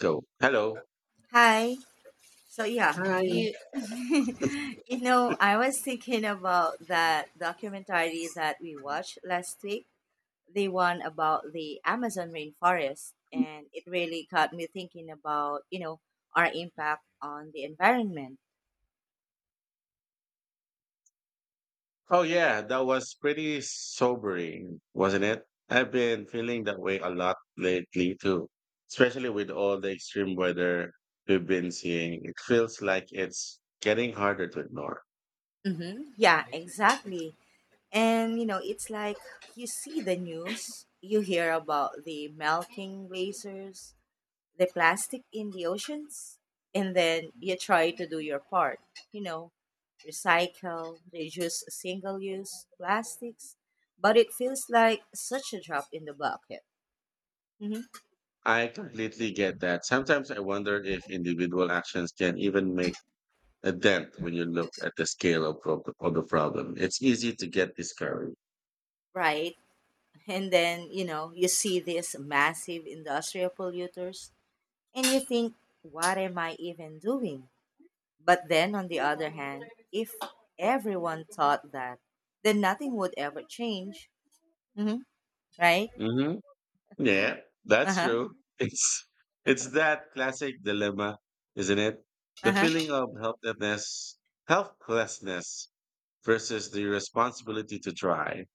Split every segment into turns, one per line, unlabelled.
So, hello.
Hi. So yeah,
Hi.
you you know, I was thinking about that documentary that we watched last week, the one about the Amazon rainforest, and it really got me thinking about, our impact on the environment.
Oh, yeah, that was pretty sobering, wasn't it? I've been feeling that way a lot lately, too, especially with all the extreme weather we've been seeing. It feels like it's getting harder to ignore.
Mm-hmm. Yeah, exactly. And it's like you see the news, you hear about the melting glaciers, the plastic in the oceans, and then you try to do your part, you know recycle, reduce, single use plastics, but it feels like such a drop in the bucket. Hmm.
I completely get that. Sometimes I wonder if individual actions can even make a dent when you look at the scale of, of the problem. It's easy to get discouraged.
Right. And then you see these massive industrial polluters and you think, what am I even doing? But then on the other hand, if everyone thought that, then nothing would ever change. Hmm. Right.
Hmm. Yeah, that's
Uh-huh.
true. It's it's that classic dilemma, isn't it? The feeling
Uh-huh.
of helplessness, helplessness versus the responsibility to try.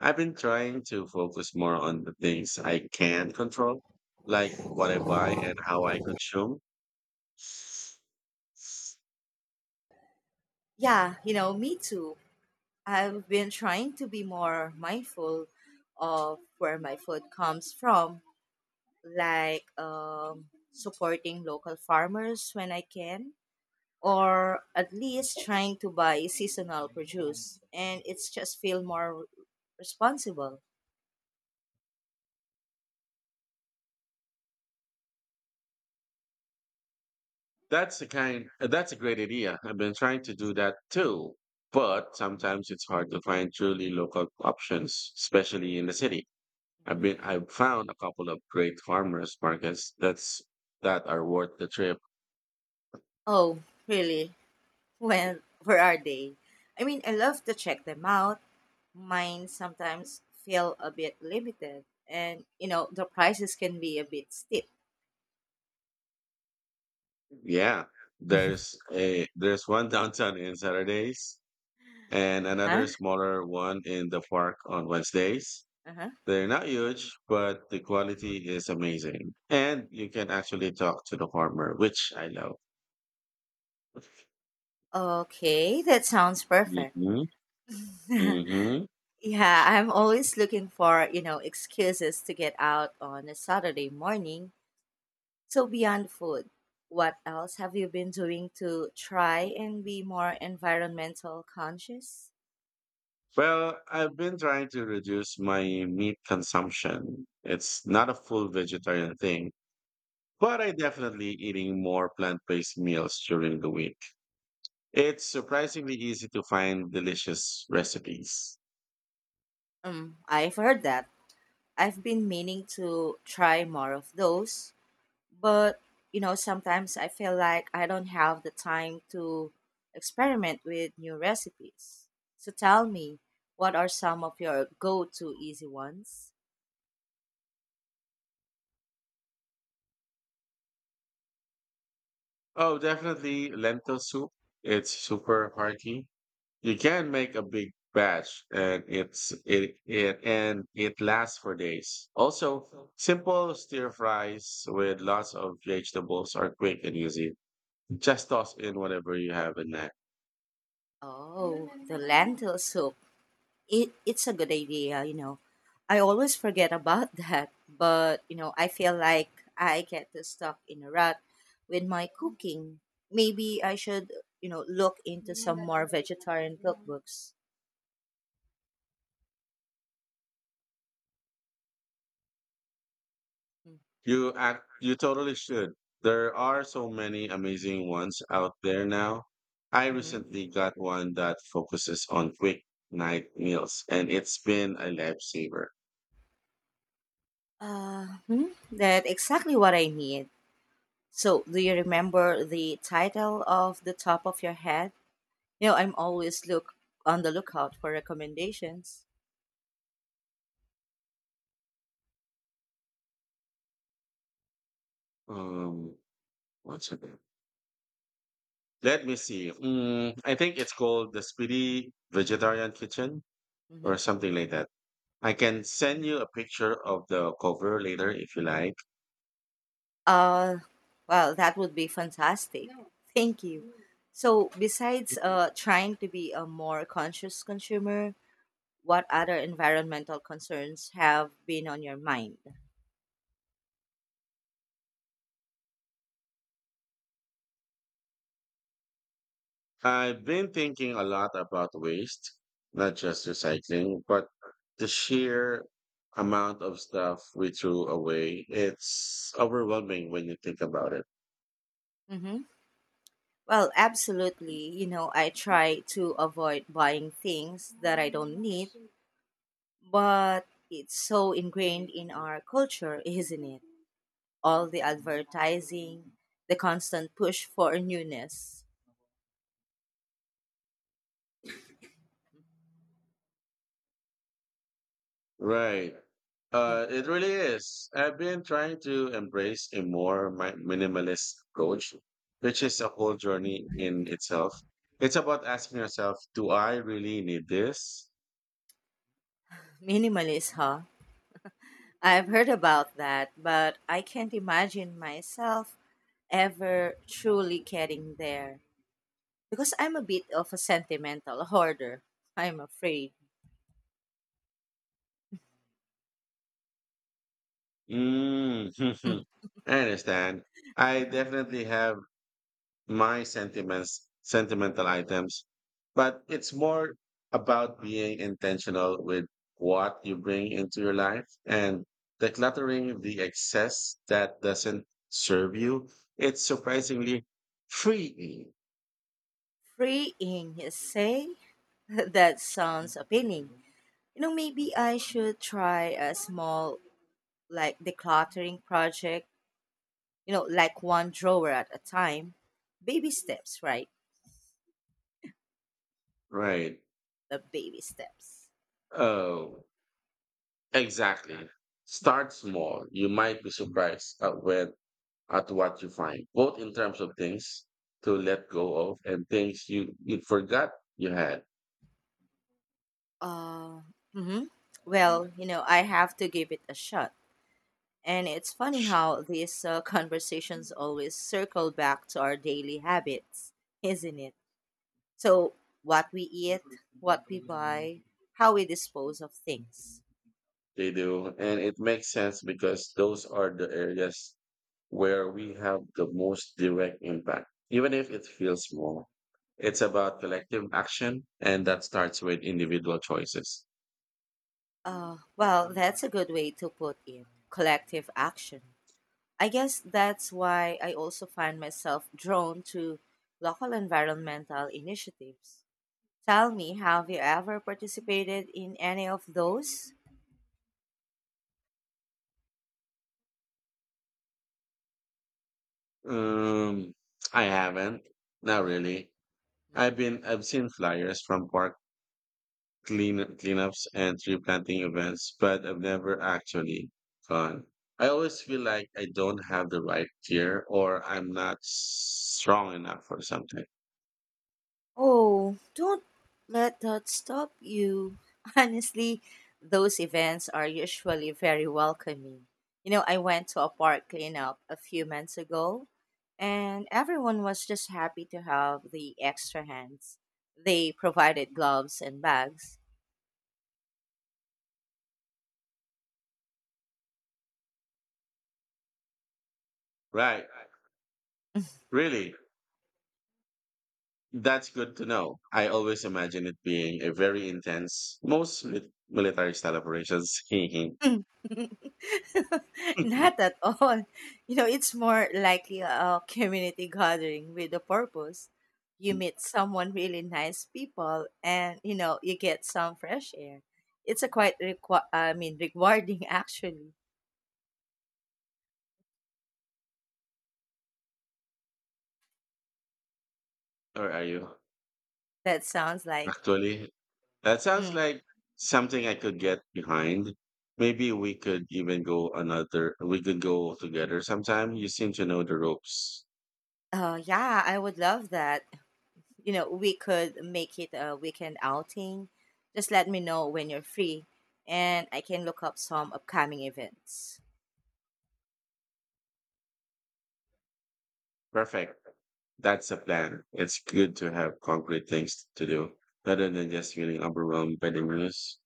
I've been trying to focus more on the things I can control, like what I buy and how I consume.
Yeah, me too. I've been trying to be more mindful of where my food comes from, like, supporting local farmers when I can, or at least trying to buy seasonal produce. And it's just feel more responsible.
That's a great idea. I've been trying to do that too. But sometimes it's hard to find truly local options, especially in the city.
Mhm.
I've found a couple of great farmers markets that are worth the trip.
Oh, really? Well, where are they? I mean, I love to check them out. Mine sometimes feel a bit limited, and the prices can be a bit steep.
Yeah. There's one downtown in Saturdays and
Uh-huh.
another smaller one in the park on Wednesdays.
Uh-huh.
They're not huge, but the quality is amazing. And you can actually talk to the farmer, which I love.
Okay, that sounds perfect.
Hmm.
Yeah,
Hmm.
I'm always looking for, excuses to get out on a Saturday morning. So beyond food, what else have you been doing to try and be more environmental conscious?
Well, I've been trying to reduce my meat consumption. It's not a full vegetarian thing, but I definitely eating more plant-based meals during the week. It's surprisingly easy to find delicious recipes.
I've heard that. I've been meaning to try more of those, but sometimes I feel like I don't have the time to experiment with new recipes. So tell me, what are some of your go to easy ones?
Oh, definitely lentil soup. It's super hearty. You can make a big batch and it's it, it and it lasts for days. Also, simple stir fries with lots of vegetables are quick and easy. Just toss in whatever you have in there.
Oh, the lentil soup. It's a good idea. I always forget about that, but I feel like I get stuck in a rut with my cooking. Maybe I should, look into some more vegetarian cookbooks. Mm.
You totally should. There are so many amazing ones out there now. I
Mm-hmm.
recently got one that focuses on quick night meals and it's been a lifesaver.
That's exactly what I need. So, do you remember the title of the top of your head? I'm always look on the lookout for recommendations.
Um what's it? Let me see. I think it's called the Speedy Vegetarian Kitchen
Mm-hmm.
or something like that. I can send you a picture of the cover later if you like.
Uh, well, that would be fantastic. Thank you. So, besides trying to be a more conscious consumer, what other environmental concerns have been on your mind?
I've been thinking a lot about waste, not just recycling, but the sheer amount of stuff we threw away. It's overwhelming when you think about it.
Mm-hmm. Well, absolutely. I try to avoid buying things that I don't need, but it's so ingrained in our culture, isn't it? All the advertising, the constant push for newness.
Right.
Hmm.
It really is. I've been trying to embrace a more minimalist approach, which is a whole journey in itself. It's about asking yourself, do I really need this?
Minimalist, huh? I've heard about that, but I can't imagine myself ever truly getting there because I'm a bit of a sentimental hoarder, I'm afraid.
Mm. I understand. I definitely have my sentimental items, but it's more about being intentional with what you bring into your life and decluttering the excess that doesn't serve you. It's surprisingly freeing,
Freeing you say? That sounds appealing. Maybe I should try a small, like, decluttering project, like one drawer at a time. Baby steps, right?
right?
The baby steps.
Oh, exactly. Start small. You might be surprised at what you find, both in terms of things to let go of and things you forgot you had.
Uh, mm-hmm. Well, I have to give it a shot. And it's funny how these conversations always circle back to our daily habits, isn't it? So, what we eat, what we buy, how we dispose of things.
They do. And it makes sense because those are the areas where we have the most direct impact, even if it feels small. It's about collective action, and that starts with individual choices.
Well, that's a good way to put it, collective action. I guess that's why I also find myself drawn to local environmental initiatives. Tell me, have you ever participated in any of those?
Um, I haven't, not
Mhm.
really. I've seen flyers from park cleanups and tree planting events, but I've never actually gone. I always feel like I don't have the right gear or I'm not strong enough or something.
Oh, don't let that stop you. Honestly, those events are usually very welcoming. I went to a park cleanup a few months ago, and everyone was just happy to have the extra hands. They provided gloves and bags.
Right. Really. That's good to know. I always imagine it being a very intense, most military style operations. or
Not at all. It's more likely a community gathering with a purpose. You meet someone really nice people, and you get some fresh air. It's a quite I mean, rewarding actually.
are you?
That sounds like
Actually, that sounds
mm,
like something I could get behind. Maybe we could even we could go together sometime. You seem to know the ropes.
yeah, I would love that. We could make it a weekend outing. Just let me know when you're free and I can look up some upcoming events.
Perfect. That's the plan. It's good to have concrete things to do rather than just feeling overwhelmed by the news.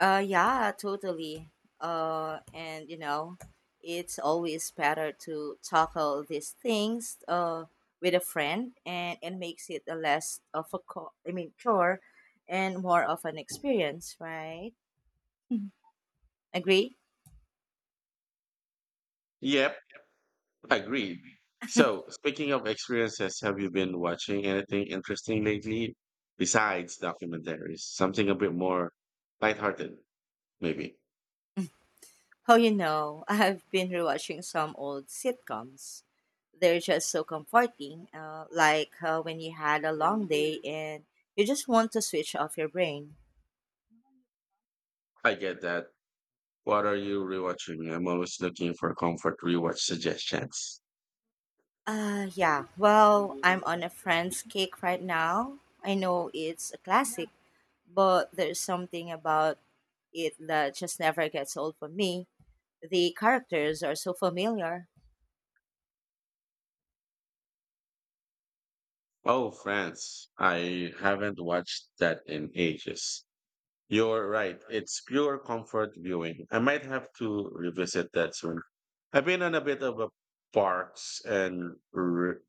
Yeah, totally. And it's always better to tackle these things with a friend, and it makes it a less of a I mean, chore, and more of an experience, right? Agree?
Yep. Agreed. So, speaking of experiences, have you been watching anything interesting lately besides documentaries? Something a bit more lighthearted, maybe.
How you know? I've been rewatching some old sitcoms. They're just so comforting. Like, when you had a long day and you just want to switch off your brain.
I get that. What are you rewatching? I'm always looking for comfort rewatch suggestions.
Yeah. Well, I'm on a friend's cake right now. I know it's a classic, but there's something about it that just never gets old for me. The characters are so familiar.
Oh, France! I haven't watched that in ages. You're right. It's pure comfort viewing. I might have to revisit that soon. I've been on a bit of a parks and re-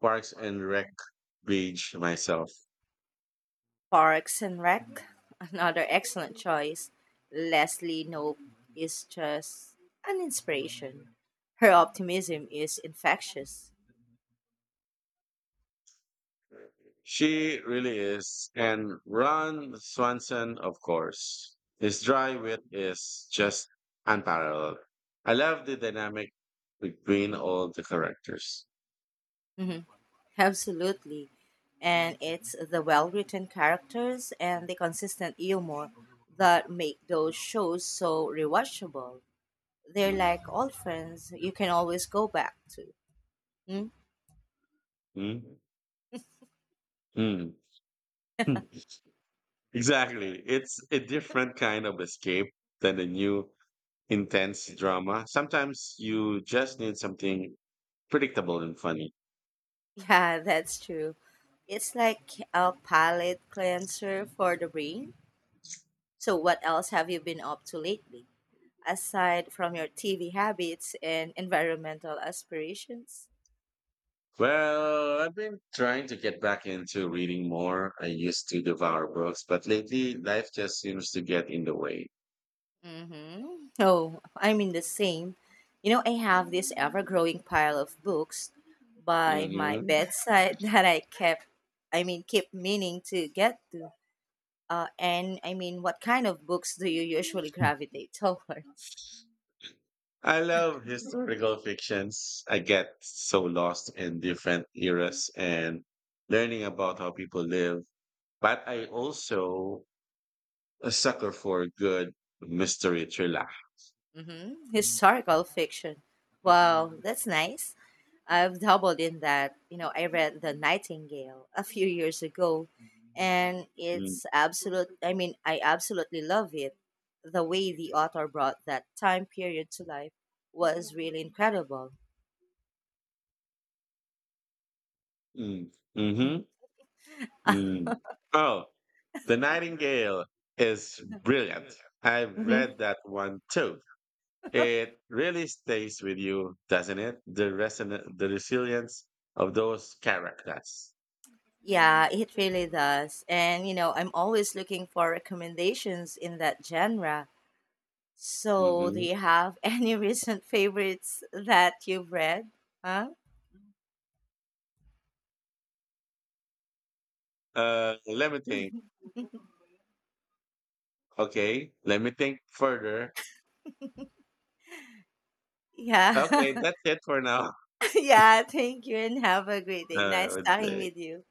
parks and rec Beach myself.
Parks and Rec, another excellent choice. Leslie Nope is just an inspiration. Her optimism is infectious.
She really is. And Ron Swanson, of course. His dry wit is just unparalleled. I love the dynamic between all the characters.
Mhm. Absolutely. And it's the well written characters and the consistent humor that make those shows so rewatchable. They're like old friends you can always go back to. Hmm?
Hmm? Hmm. Hmm. Exactly. It's a different kind of escape than the new intense drama. Sometimes you just need something predictable and funny.
Yeah, that's true. It's like a palate cleanser for the brain. So, what else have you been up to lately, aside from your TV habits and environmental aspirations?
Well, I've been trying to get back into reading more. I used to devour books, but lately life just seems to get in the way.
Mm-hmm. Oh, I mean the same. I have this ever-growing pile of books by my
Hmm.
bedside that I mean, keep meaning to get to. And I mean, what kind of books do you usually gravitate towards?
I love historical fictions. I get so lost in different eras and learning about how people live. But I also a sucker for a good mystery thriller.
Mm-hmm. Historical fiction. Wow, that's nice. I've doubled in that. I read The Nightingale a few years ago and
Mm-hmm.
it's absolute I mean, I absolutely love it. The way the author brought that time period to life was really incredible.
Mm. Mhm. Mm. Oh, The Nightingale is brilliant. I've
Mm-hmm.
read that one too. It really stays with you, doesn't it? The resilience of those characters.
Yeah, it really does. And I'm always looking for recommendations in that genre. So, do
Hmm.
you have any recent favorites that you've read? Huh?
Let me think. Okay, let me think further.
Yeah.
Okay, that's it for now.
Yeah, thank you and have a great day. Nice talking with
Uh,
you. Yeah.